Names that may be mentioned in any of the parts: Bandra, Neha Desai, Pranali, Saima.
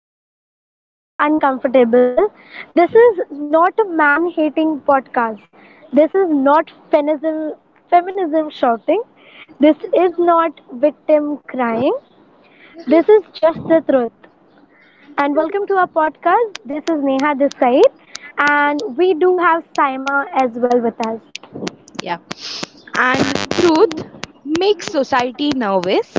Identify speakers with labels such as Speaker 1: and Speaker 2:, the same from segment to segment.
Speaker 1: before anyone gets uncomfortable, this is not a man hating podcast. This is not feminism shouting. This is not victim crying. This is just the truth. And welcome to our podcast. This is Neha Desai, and we do have Saima as well with us.
Speaker 2: Yeah. And truth makes society nervous,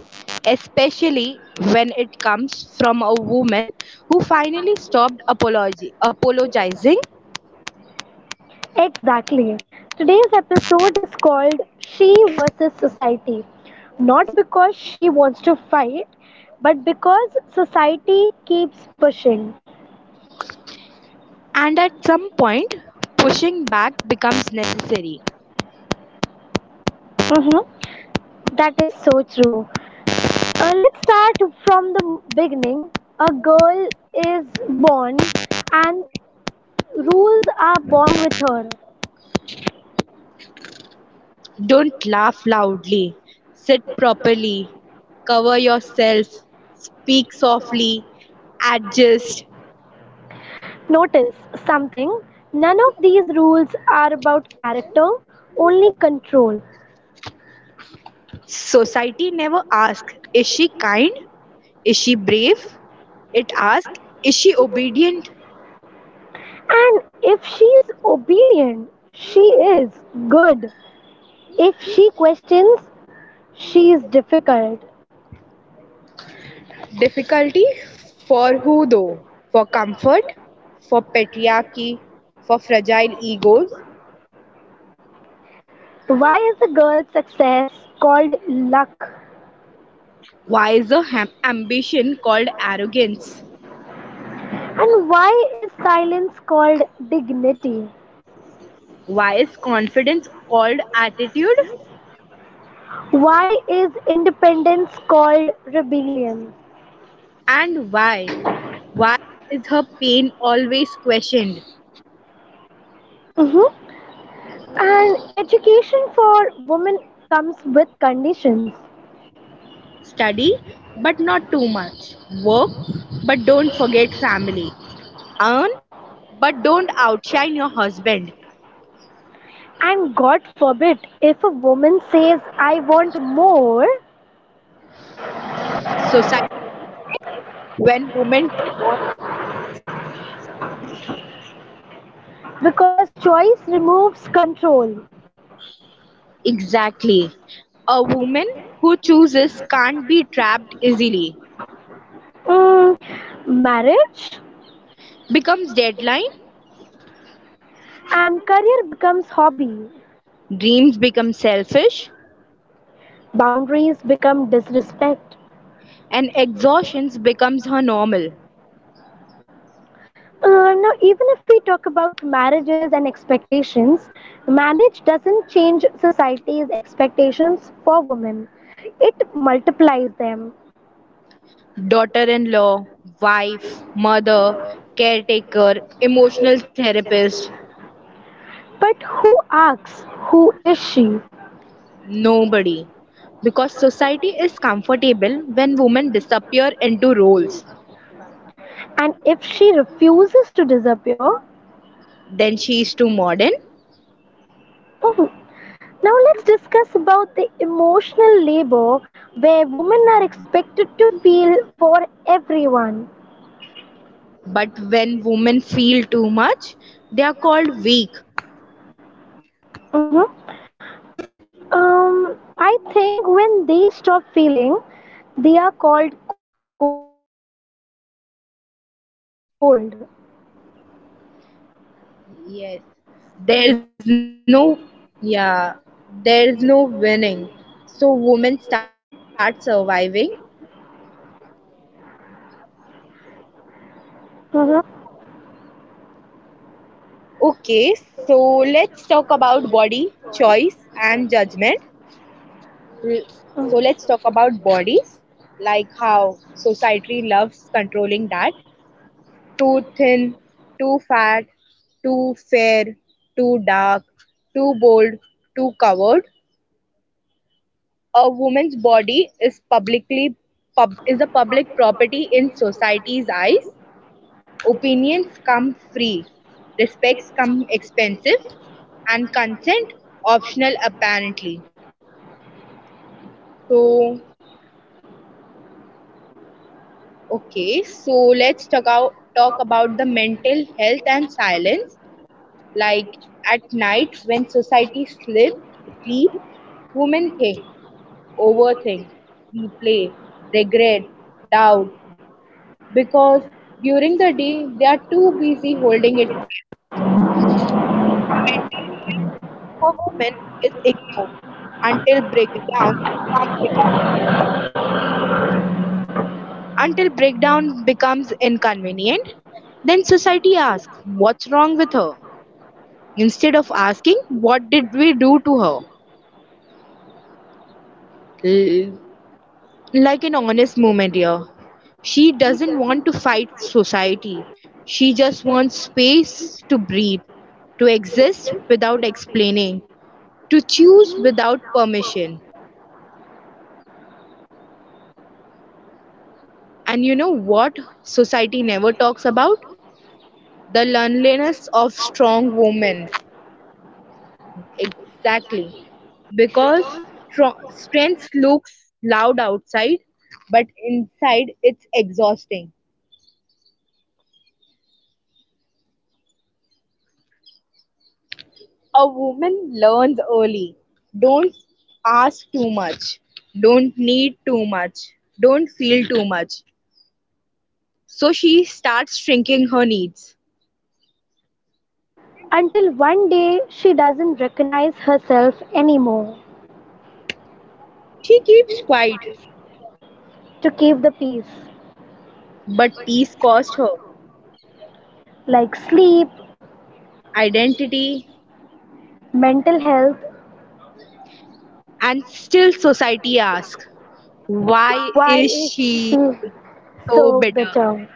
Speaker 2: especially when it comes from a woman who finally stopped apologizing,
Speaker 1: Exactly. Today's episode is called She versus Society. Not because she wants to fight, but because society keeps pushing.
Speaker 2: and at some point pushing back becomes necessary.
Speaker 1: Mm-hmm. That is so true. Let's start from the beginning. A girl is born, and rules are born with her.
Speaker 2: Don't laugh loudly, sit properly, cover yourself, speak softly, adjust.
Speaker 1: Notice something, none of these rules are about character, only control.
Speaker 2: Society never asks, is she kind? Is she brave? It asks, is she obedient?
Speaker 1: And if she's obedient, she is good. If she questions, she is difficult.
Speaker 2: Difficulty? For who though? For comfort? For patriarchy? For fragile egos?
Speaker 1: Why is a girl's success called luck?
Speaker 2: Why is a ambition called arrogance?
Speaker 1: And why is silence called dignity?
Speaker 2: Why is confidence called attitude?
Speaker 1: Why is independence called rebellion?
Speaker 2: And why? Why is her pain always questioned?
Speaker 1: Hmm. And education for women comes with conditions.
Speaker 2: Study, but not too much. Work, but don't forget family. Earn, but don't outshine your husband.
Speaker 1: And God forbid if a woman says, I want more,
Speaker 2: Society panics when women want choice.
Speaker 1: because choice removes control.
Speaker 2: Exactly. A woman who chooses can't be trapped easily,
Speaker 1: Mm, marriage
Speaker 2: becomes deadline,
Speaker 1: and career becomes hobby.
Speaker 2: dreams become selfish,
Speaker 1: Boundaries become disrespect.
Speaker 2: and exhaustion becomes her normal.
Speaker 1: Now, even if we talk about marriages and expectations, marriage doesn't change society's expectations for women. It multiplies them.
Speaker 2: Daughter in law, wife, mother, caretaker, emotional therapist,
Speaker 1: But who asks, who is she?
Speaker 2: nobody. Because society is comfortable when women disappear into roles.
Speaker 1: And if she refuses to disappear.
Speaker 2: Then she is too modern.
Speaker 1: Oh, now let's discuss about the emotional labor where women are expected to feel for everyone.
Speaker 2: But when women feel too much, they are called weak.
Speaker 1: Mhm. Um, I think when they stop feeling, they are called cold.
Speaker 2: Yes. There's no yeah, there's no winning. So women start surviving.
Speaker 1: Mhm. Mm,
Speaker 2: Okay, so let's talk about body, choice and judgment. L- So let's talk about bodies, like how society loves controlling that. Too thin, too fat, too fair, too dark, too bold, too covered. A woman's body is publicly pub is a public property in society's eyes. Opinions come free, respects come expensive, and consent optional apparently. So, okay, so let's talk about the mental health and silence. Like at night when society sleeps, women think, overthink, replay, regret, doubt, because during the day, they are too busy holding it together. Mental health for women is ignored until breakdown becomes inconvenient. Then society asks, "What's wrong with her?" instead of asking, "What did we do to her?" L- like an honest moment here. She doesn't want to fight society. She just wants space to breathe, to exist without explaining, to choose without permission. And you know what society never talks about? The loneliness of strong women. Exactly. Because strength looks loud outside, but inside it's exhausting. A woman learns early, don't ask too much, don't need too much, don't feel too much. So she starts shrinking her needs.
Speaker 1: until one day she doesn't recognize herself anymore
Speaker 2: She keeps quiet,
Speaker 1: to keep the peace,
Speaker 2: but peace cost her
Speaker 1: like sleep,
Speaker 2: identity,
Speaker 1: mental health.
Speaker 2: and still society asks, why
Speaker 1: Why
Speaker 2: is
Speaker 1: is she
Speaker 2: she so
Speaker 1: so
Speaker 2: bitter?
Speaker 1: bitter?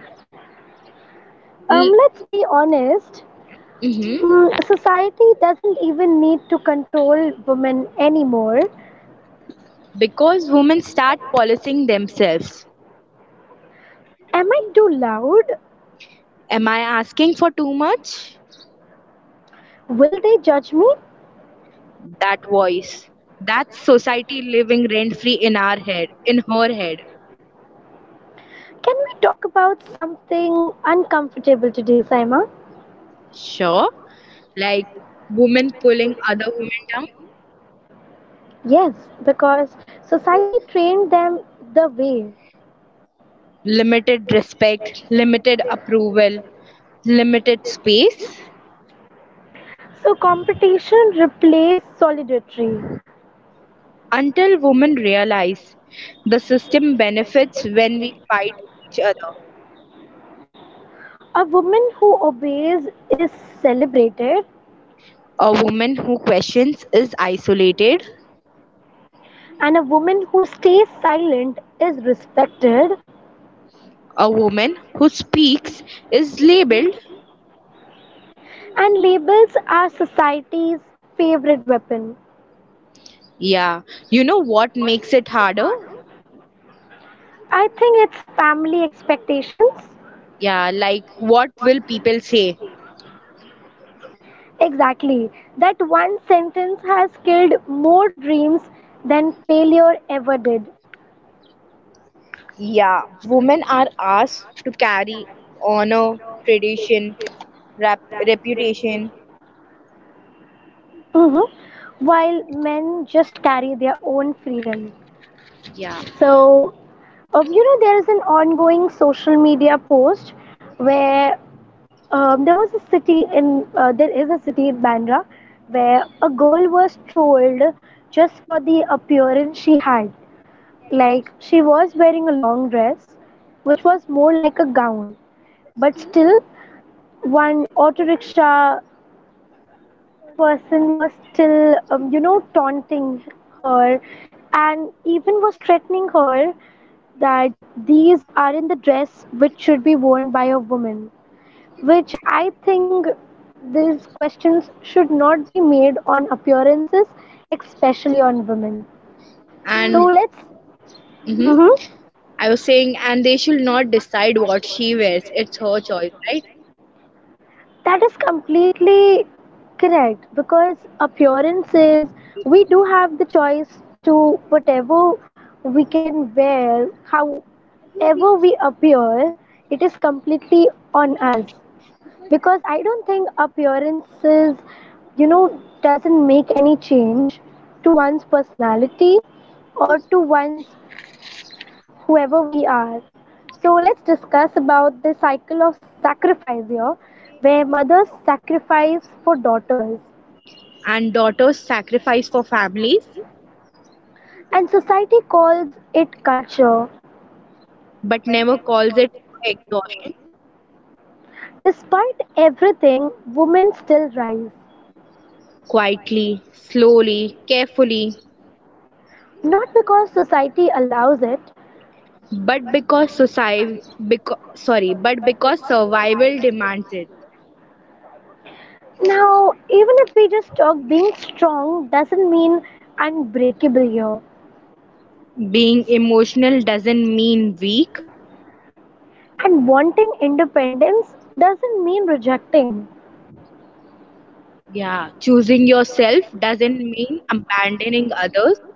Speaker 1: Um,
Speaker 2: L-
Speaker 1: let's be honest.
Speaker 2: mhm.
Speaker 1: Society doesn't even need to control women anymore.
Speaker 2: Because women start policing themselves.
Speaker 1: Am I too loud?
Speaker 2: Am I asking for too much?
Speaker 1: Will they judge me?
Speaker 2: That voice, that's society living rent free in our head, in her head.
Speaker 1: Can we talk about something uncomfortable today, Saima?
Speaker 2: Sure, like women pulling other women down,
Speaker 1: Yes, because society trained them the way.
Speaker 2: limited respect, limited approval, limited space,
Speaker 1: So competition replaced solidarity.
Speaker 2: until women realize the system benefits when we fight each other.
Speaker 1: A woman who obeys is celebrated,
Speaker 2: A woman who questions is isolated.
Speaker 1: and a woman who stays silent is respected.
Speaker 2: A woman who speaks is labeled.
Speaker 1: And labels are society's favorite weapon.
Speaker 2: Yeah, you know what makes it harder?
Speaker 1: I think it's family expectations.
Speaker 2: Yeah, like what will people say?
Speaker 1: Exactly. That one sentence has killed more dreams than failure ever did.
Speaker 2: Yeah, women are asked to carry honor, tradition, reputation.
Speaker 1: Hmm. While men just carry their own freedom.
Speaker 2: Yeah,
Speaker 1: So, there is an ongoing social media post where there is a city in Bandra where a girl was trolled just for the appearance she had. Like she was wearing a long dress, which was more like a gown, but still, one auto rickshaw person was still, taunting her and even was threatening her that these are in the dress which should be worn by a woman. Which I think these questions should not be made on appearances, especially on women. So
Speaker 2: and
Speaker 1: let's.
Speaker 2: hmm,
Speaker 1: Mm-hmm.
Speaker 2: I was saying, and they should not decide what she wears. It's her choice, right?
Speaker 1: That is completely correct because appearances, we do have the choice to whatever we can wear, however we appear, it is completely on us. Because I don't think appearances, doesn't make any change to one's personality or to one's whoever we are. So let's discuss about the cycle of sacrifice here, where mothers sacrifice for daughters,
Speaker 2: And daughters sacrifice for families,
Speaker 1: and society calls it culture.
Speaker 2: but never calls it exhaustion.
Speaker 1: Despite everything, women still rise,
Speaker 2: Quietly, slowly, carefully,
Speaker 1: not because society allows it.
Speaker 2: but because society, because sorry, but because survival demands it.
Speaker 1: Now, even if we just talk, being strong doesn't mean unbreakable here.
Speaker 2: Being emotional doesn't mean weak.
Speaker 1: And wanting independence doesn't mean rejecting.
Speaker 2: Yeah, choosing yourself doesn't mean abandoning others.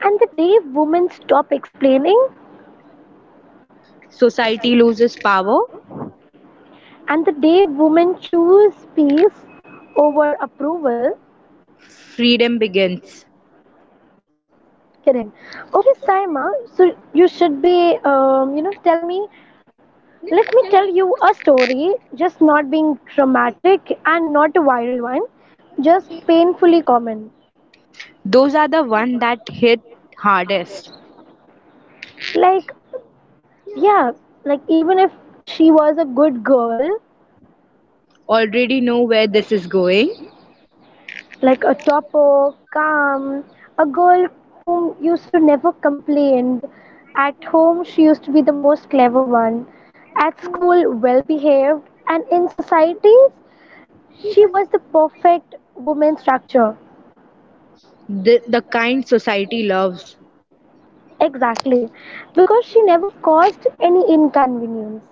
Speaker 1: And the day women stop explaining,
Speaker 2: Society loses power,
Speaker 1: and the day women choose peace over approval.
Speaker 2: freedom begins.
Speaker 1: Correct. Okay, Saima, so you should be, tell me, let me tell you a story, just not being dramatic and not a viral one, just painfully common.
Speaker 2: Those are the one that hit hardest.
Speaker 1: Like, yeah, like even if she was a good girl,
Speaker 2: Already know where this is going.
Speaker 1: like a topper, calm, a girl whom used to never complained. At home, she used to be the most clever one. At school, well behaved, and in societies, she was the perfect woman structure.
Speaker 2: The kind society loves,
Speaker 1: Exactly, because she never caused any inconvenience.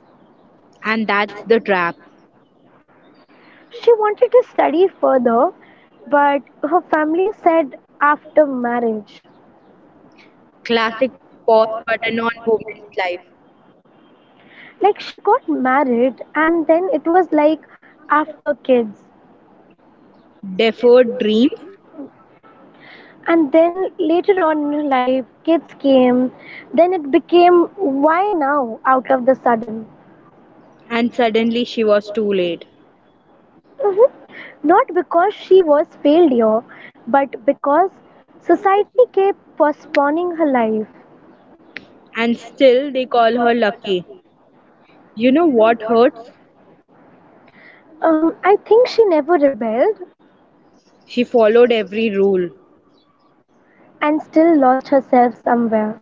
Speaker 2: and that's the trap.
Speaker 1: She wanted to study further, but her family said after marriage.
Speaker 2: Classic pause button on woman's life.
Speaker 1: Like she got married, and then it was like after kids.
Speaker 2: Deferred dreams,
Speaker 1: And then later on in life kids came, then it became, why now out of the sudden?
Speaker 2: and suddenly she was too late.
Speaker 1: Mhm. Not because she was failure, but because society kept postponing her life.
Speaker 2: And still, they call her lucky. You know what hurts?
Speaker 1: I think she never rebelled
Speaker 2: She followed every rule.
Speaker 1: and still lost herself somewhere.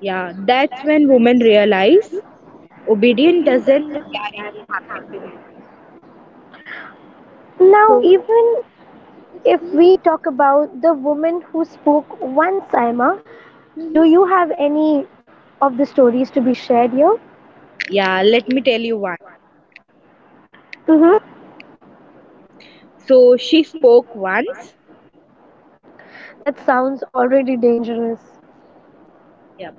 Speaker 2: Yeah, that's when women realize obedience doesn't guarantee happiness.
Speaker 1: Now
Speaker 2: So,
Speaker 1: even if we talk about the woman who spoke once, Saima, do you have any of the stories to be shared here?
Speaker 2: yeah, let me tell you one.
Speaker 1: Mm-hmm.
Speaker 2: So, she spoke once.
Speaker 1: That sounds already dangerous.
Speaker 2: Yeah.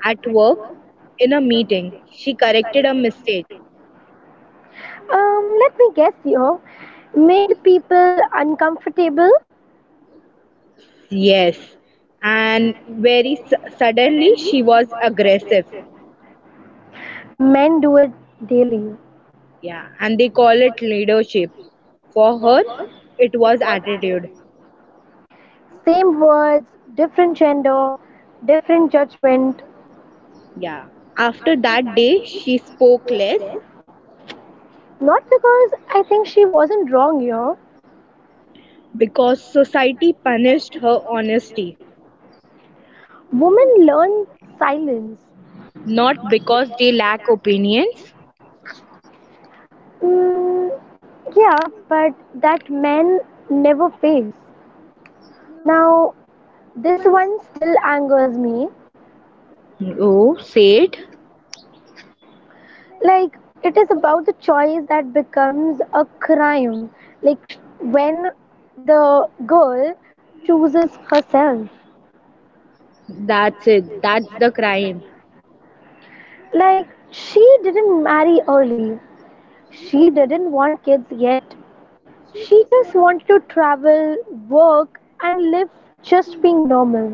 Speaker 2: At work, in a meeting, she corrected a mistake.
Speaker 1: Let me guess here. Made people uncomfortable.
Speaker 2: Yes. And very suddenly, she was aggressive.
Speaker 1: Men do it daily.
Speaker 2: Yeah. And they call it leadership. For her, it was attitude.
Speaker 1: Same words, different gender, different judgment.
Speaker 2: Yeah. After that day, she spoke less
Speaker 1: Not because I think she wasn't wrong here.
Speaker 2: because society punished her honesty,
Speaker 1: Women learn silence.
Speaker 2: not because they lack opinions.
Speaker 1: Mm, yeah, but that men never face. Now, this one still angers me.
Speaker 2: Oh, say it.
Speaker 1: Like, it is about the choice that becomes a crime, like when the girl chooses herself,
Speaker 2: That's it. That's the crime.
Speaker 1: like she didn't marry early, she didn't want kids yet, she just wanted to travel, work and live, just being normal.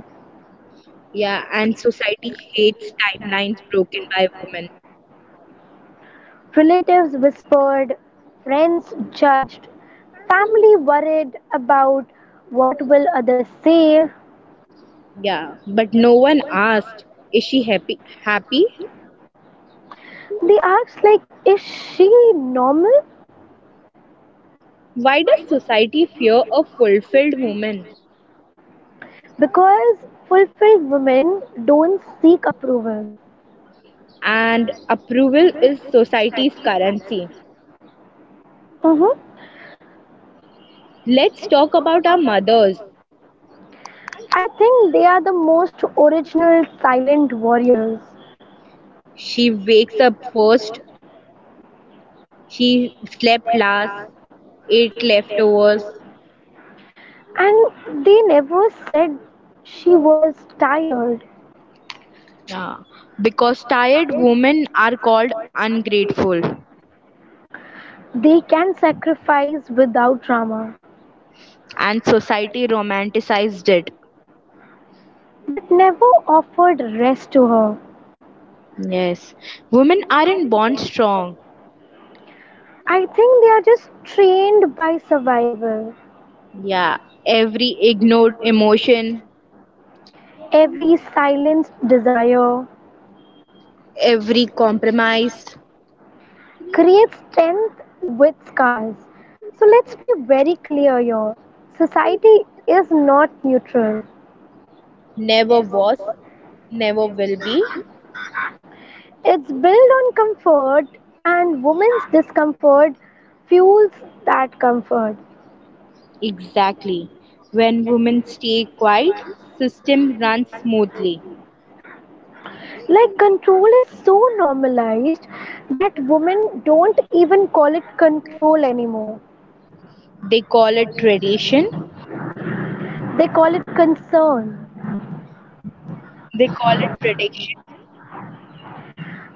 Speaker 2: Yeah, and society hates timelines broken by women.
Speaker 1: Relatives whispered, friends judged, family worried about what will others say.
Speaker 2: Yeah, but no one asked, is she happy? Happy?
Speaker 1: They asked, like, is she normal?
Speaker 2: Why does society fear a fulfilled woman?
Speaker 1: Because fulfilled women don't seek approval.
Speaker 2: And approval is society's currency.
Speaker 1: Hmm.
Speaker 2: Let's talk about our mothers.
Speaker 1: I think they are the most original silent warriors.
Speaker 2: She wakes up first. She slept last, ate leftovers.
Speaker 1: And they never said she was tired.
Speaker 2: Yeah, because tired women are called ungrateful,
Speaker 1: They can sacrifice without drama,
Speaker 2: and society romanticized it.
Speaker 1: but never offered rest to her.
Speaker 2: Yes, women aren't born strong.
Speaker 1: I think they are just trained by survival.
Speaker 2: Yeah, every ignored emotion,
Speaker 1: Every silenced desire
Speaker 2: every compromise
Speaker 1: creates strength with scars. So let's be very clear here. Society is not neutral.
Speaker 2: never was, never will be.
Speaker 1: It's built on comfort, and women's discomfort fuels that comfort.
Speaker 2: Exactly. When women stay quiet, system runs smoothly.
Speaker 1: Like, control is so normalized that women don't even call it control anymore.
Speaker 2: They call it tradition,
Speaker 1: They call it concern.
Speaker 2: they call it prediction,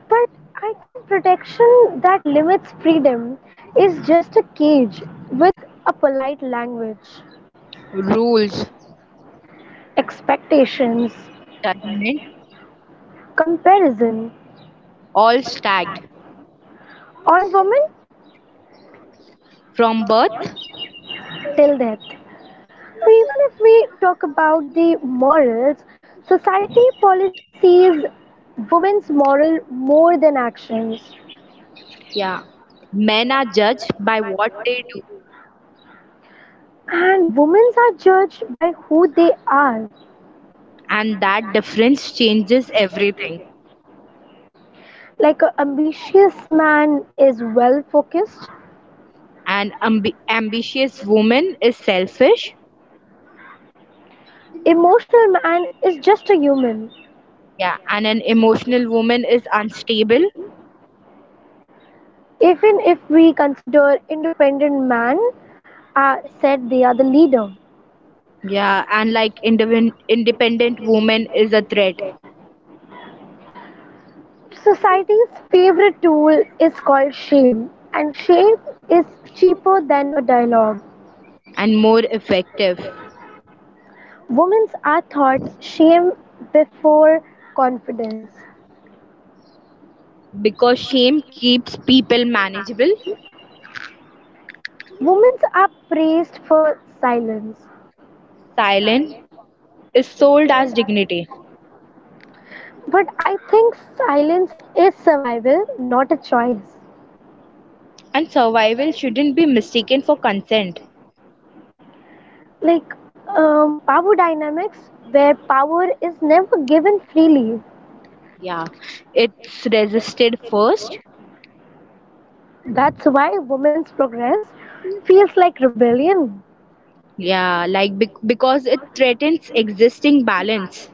Speaker 1: But I think protection that limits freedom is just a cage with a polite language.
Speaker 2: rules,
Speaker 1: Expectations,
Speaker 2: judgment,
Speaker 1: comparison
Speaker 2: all stacked.
Speaker 1: on women
Speaker 2: From birth,
Speaker 1: till death. So even if we talk about the morals, society policies women's moral more than actions.
Speaker 2: yeah, men are judged by what they do,
Speaker 1: And women are judged by who they are.
Speaker 2: and that difference changes everything.
Speaker 1: Like an ambitious man is well focused,
Speaker 2: An ambitious woman is selfish,
Speaker 1: emotional man is just a human.
Speaker 2: yeah, and an emotional woman is unstable,
Speaker 1: Even if we consider independent man, said they are the leader.
Speaker 2: yeah, and like independent woman is a threat
Speaker 1: Society's favorite tool is called shame, and shame is cheaper than a dialogue.
Speaker 2: and more effective
Speaker 1: Women are taught shame before confidence.
Speaker 2: because shame keeps people manageable,
Speaker 1: Women are praised for silence.
Speaker 2: silent, is sold as dignity,
Speaker 1: But I think silence is survival, not a choice.
Speaker 2: and survival shouldn't be mistaken for consent.
Speaker 1: Like, power dynamics, where power is never given freely.
Speaker 2: Yeah, it's resisted first,
Speaker 1: That's why women's progress feels like rebellion.
Speaker 2: yeah, like because it threatens existing balance.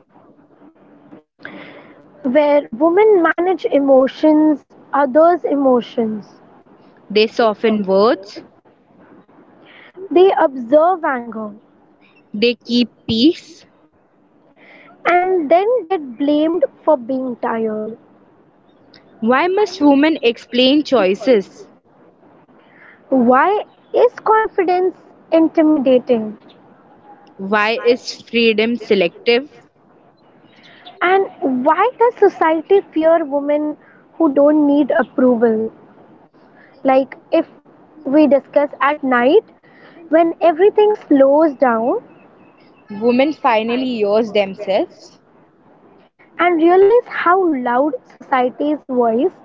Speaker 1: Where women manage emotions, others' emotions.
Speaker 2: They soften words,
Speaker 1: They observe anger
Speaker 2: they keep peace.
Speaker 1: and then get blamed for being tired.
Speaker 2: Why must women explain choices?
Speaker 1: Why is confidence intimidating?
Speaker 2: Why is freedom selective?
Speaker 1: And why does society fear women who don't need approval? Like, if we discuss at night, when everything slows down
Speaker 2: Women finally yours themselves.
Speaker 1: and realize how loud society's voice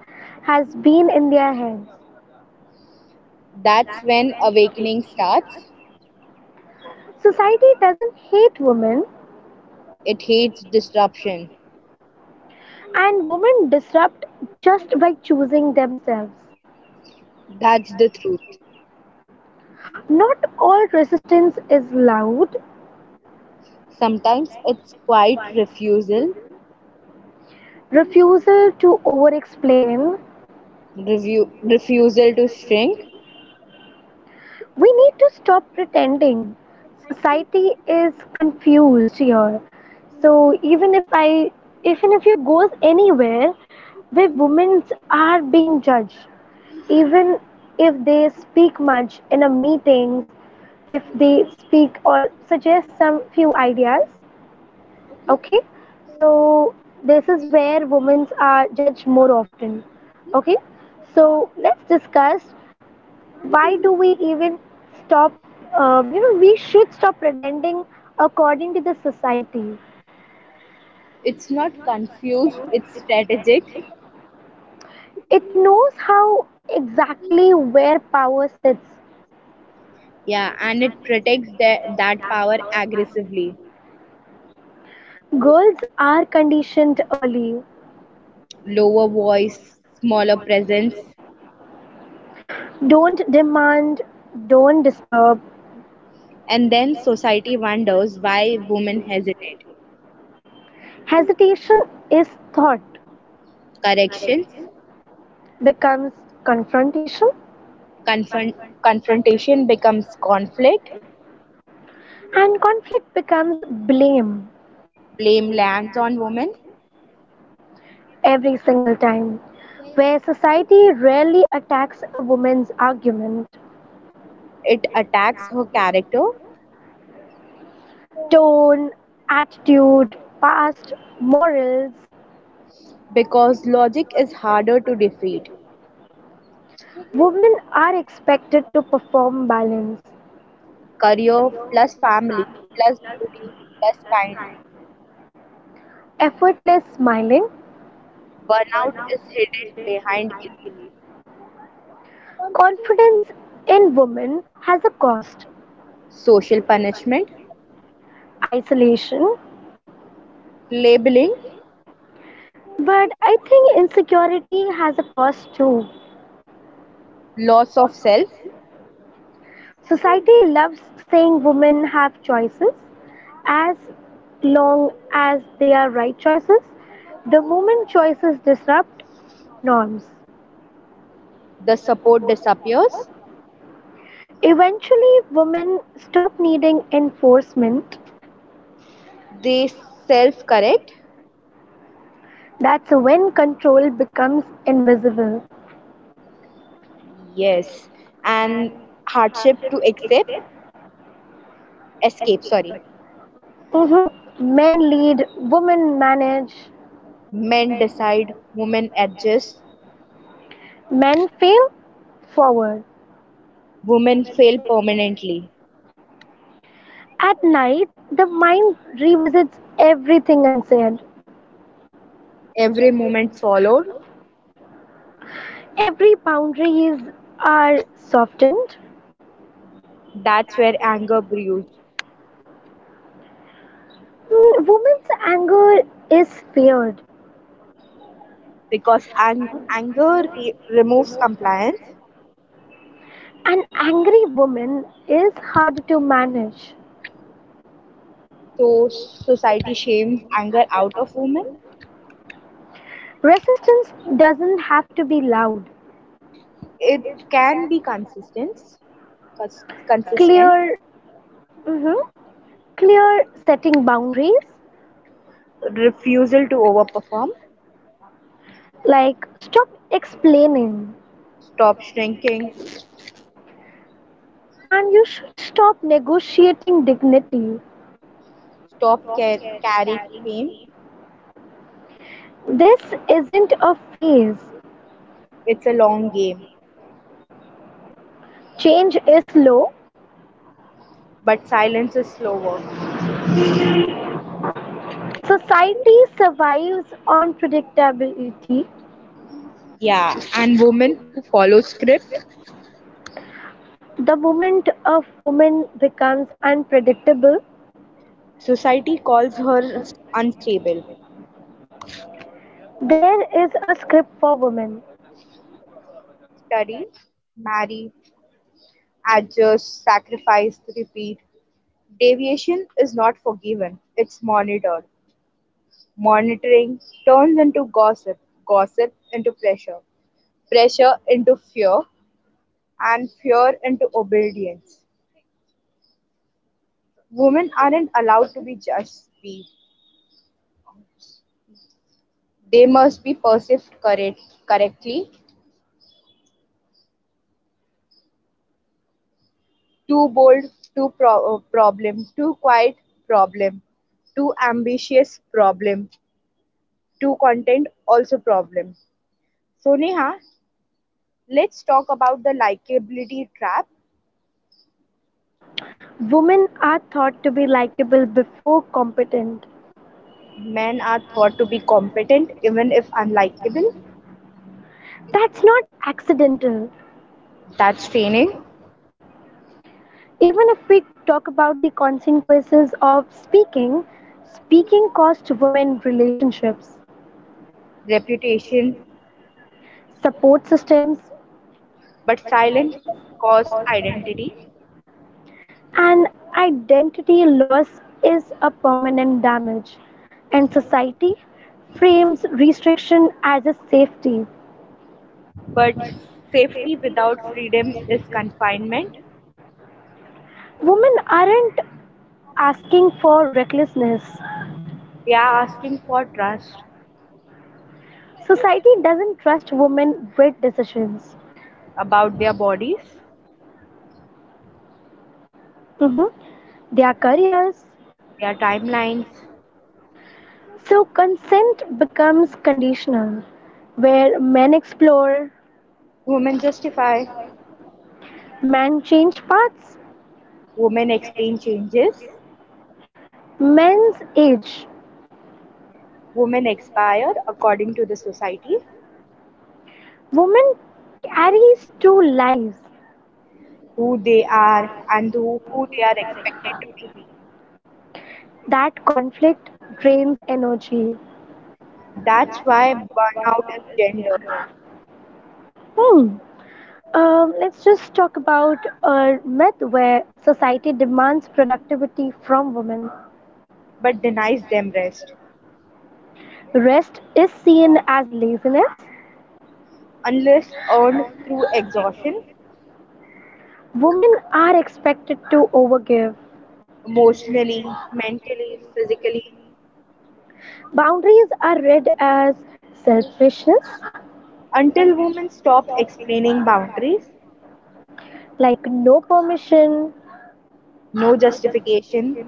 Speaker 1: has been in their heads.
Speaker 2: That's when awakening starts.
Speaker 1: Society doesn't hate women,
Speaker 2: It hates disruption.
Speaker 1: and women disrupt just by choosing themselves.
Speaker 2: That's the truth.
Speaker 1: Not all resistance is loud,
Speaker 2: Sometimes it's quite refusal,
Speaker 1: refusal to over explain.
Speaker 2: review, refusal to shrink.
Speaker 1: We need to stop pretending. Society is confused here. So even if you goes anywhere where women are being judged, even if they speak much in a meetings, if they speak or suggest some few ideas, okay, so this is where women are judged more often. Okay, so let's discuss, why do we even stop? We should stop pretending according to the society.
Speaker 2: It's not confused, it's strategic.
Speaker 1: It knows how exactly where power sits.
Speaker 2: Yeah, and it protects that power aggressively.
Speaker 1: Girls are conditioned early.
Speaker 2: Lower voice, smaller presence.
Speaker 1: Don't demand, don't disturb.
Speaker 2: And then society wonders why women hesitate.
Speaker 1: Hesitation is thought,
Speaker 2: Corrections,
Speaker 1: becomes confrontation,
Speaker 2: confront, confrontation becomes conflict.
Speaker 1: and conflict becomes blame
Speaker 2: Blame lands on women.
Speaker 1: every single time. Where society rarely attacks a woman's argument,
Speaker 2: It attacks her character
Speaker 1: tone, attitude, past, morals,
Speaker 2: because logic is harder to defeat.
Speaker 1: women are expected to perform balance.
Speaker 2: Career plus family plus beauty plus kindness.
Speaker 1: Effortless smiling,
Speaker 2: Burnout is hidden behind grace,
Speaker 1: confidence in women has a cost,
Speaker 2: social punishment,
Speaker 1: isolation.
Speaker 2: labeling,
Speaker 1: But I think insecurity has a cost too.
Speaker 2: loss of self,
Speaker 1: Society loves saying women have choices as long as they are right choices. The moment choices disrupt norms,
Speaker 2: the support disappears,
Speaker 1: eventually women stop needing enforcement.
Speaker 2: they self correct,
Speaker 1: That's when control becomes invisible.
Speaker 2: yes, and hardship to accept, escape, sorry.
Speaker 1: Hmm. Men lead, women manage,
Speaker 2: Men decide, women adjust,
Speaker 1: men fail forward.
Speaker 2: women fail permanently.
Speaker 1: At night, the mind revisits everything unsaid.
Speaker 2: Every moment swallowed,
Speaker 1: Every boundary is are softened.
Speaker 2: that's where anger brews.
Speaker 1: Woman's anger is feared.
Speaker 2: Because anger removes compliance,
Speaker 1: An angry woman is hard to manage.
Speaker 2: so society shames anger out of women.
Speaker 1: Resistance doesn't have to be loud.
Speaker 2: It can be consistent, consistent
Speaker 1: Clear, mhm, clear setting boundaries.
Speaker 2: refusal to overperform,
Speaker 1: Like, stop explaining,
Speaker 2: stop shrinking,
Speaker 1: and you should stop negotiating dignity.
Speaker 2: stop carrying shame.
Speaker 1: This isn't a phase.
Speaker 2: It's a long game,
Speaker 1: Change is slow.
Speaker 2: but silence is slower.
Speaker 1: Society survives on predictability.
Speaker 2: Yeah, and women who follow script,
Speaker 1: The moment a woman becomes unpredictable,
Speaker 2: society calls her unstable.
Speaker 1: there is a script for women.
Speaker 2: Study, marry, adjust, sacrifice, repeat. Deviation is not forgiven, it's monitored. Monitoring turns into gossip, gossip into pressure, pressure into fear, and fear into obedience. Women aren't allowed to be just beat, they must be perceived correctly. Too bold, too problem, too quiet, problem, too ambitious problem, too content also problem. So Neha, let's talk about the likability trap.
Speaker 1: Women are thought to be likable before competent.
Speaker 2: Men are thought to be competent even if unlikable.
Speaker 1: That's not accidental.
Speaker 2: That's training,
Speaker 1: Even if we talk about the consequences of speaking, speaking costs women relationships,
Speaker 2: reputation,
Speaker 1: support systems.
Speaker 2: but silent cost identity.
Speaker 1: And identity loss is a permanent damage, and society frames restriction as a safety.
Speaker 2: But safety without freedom is confinement.
Speaker 1: Women aren't asking for recklessness.
Speaker 2: They are asking for trust
Speaker 1: Society doesn't trust women with decisions,
Speaker 2: about their bodies,
Speaker 1: hmm their careers.
Speaker 2: their timelines.
Speaker 1: So consent becomes conditional, where men explore,
Speaker 2: Women justify,
Speaker 1: men change paths,
Speaker 2: women explain changes,
Speaker 1: men's age.
Speaker 2: women expire according to the society.
Speaker 1: Women carries two lives,
Speaker 2: Who they are and who they are expected to be.
Speaker 1: that conflict drains energy.
Speaker 2: That's why burnout is gendered
Speaker 1: Hmm. Let's just talk about a myth where society demands productivity from women.
Speaker 2: but denies them rest,
Speaker 1: Rest is seen as laziness.
Speaker 2: unless earned through exhaustion,
Speaker 1: Women are expected to overgive.
Speaker 2: emotionally, mentally, physically,
Speaker 1: Boundaries are read as selfishness,
Speaker 2: until women stop explaining boundaries,
Speaker 1: like no permission,
Speaker 2: no justification,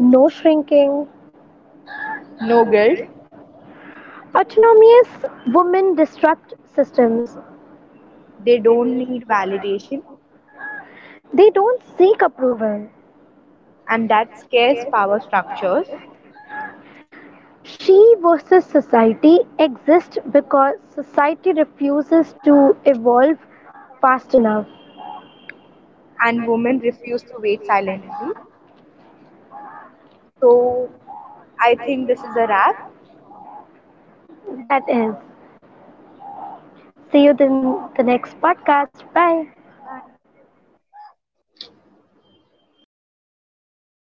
Speaker 1: no shrinking.
Speaker 2: no guilt,
Speaker 1: Autonomous women disrupt systems.
Speaker 2: they don't need validation,
Speaker 1: They don't seek approval.
Speaker 2: and that scares power structures,
Speaker 1: She versus society exists because society refuses to evolve fast enough.
Speaker 2: and women refuse to wait silently. So, I think this is a wrap.
Speaker 1: That is. See you in the next podcast. Bye.
Speaker 2: Bye.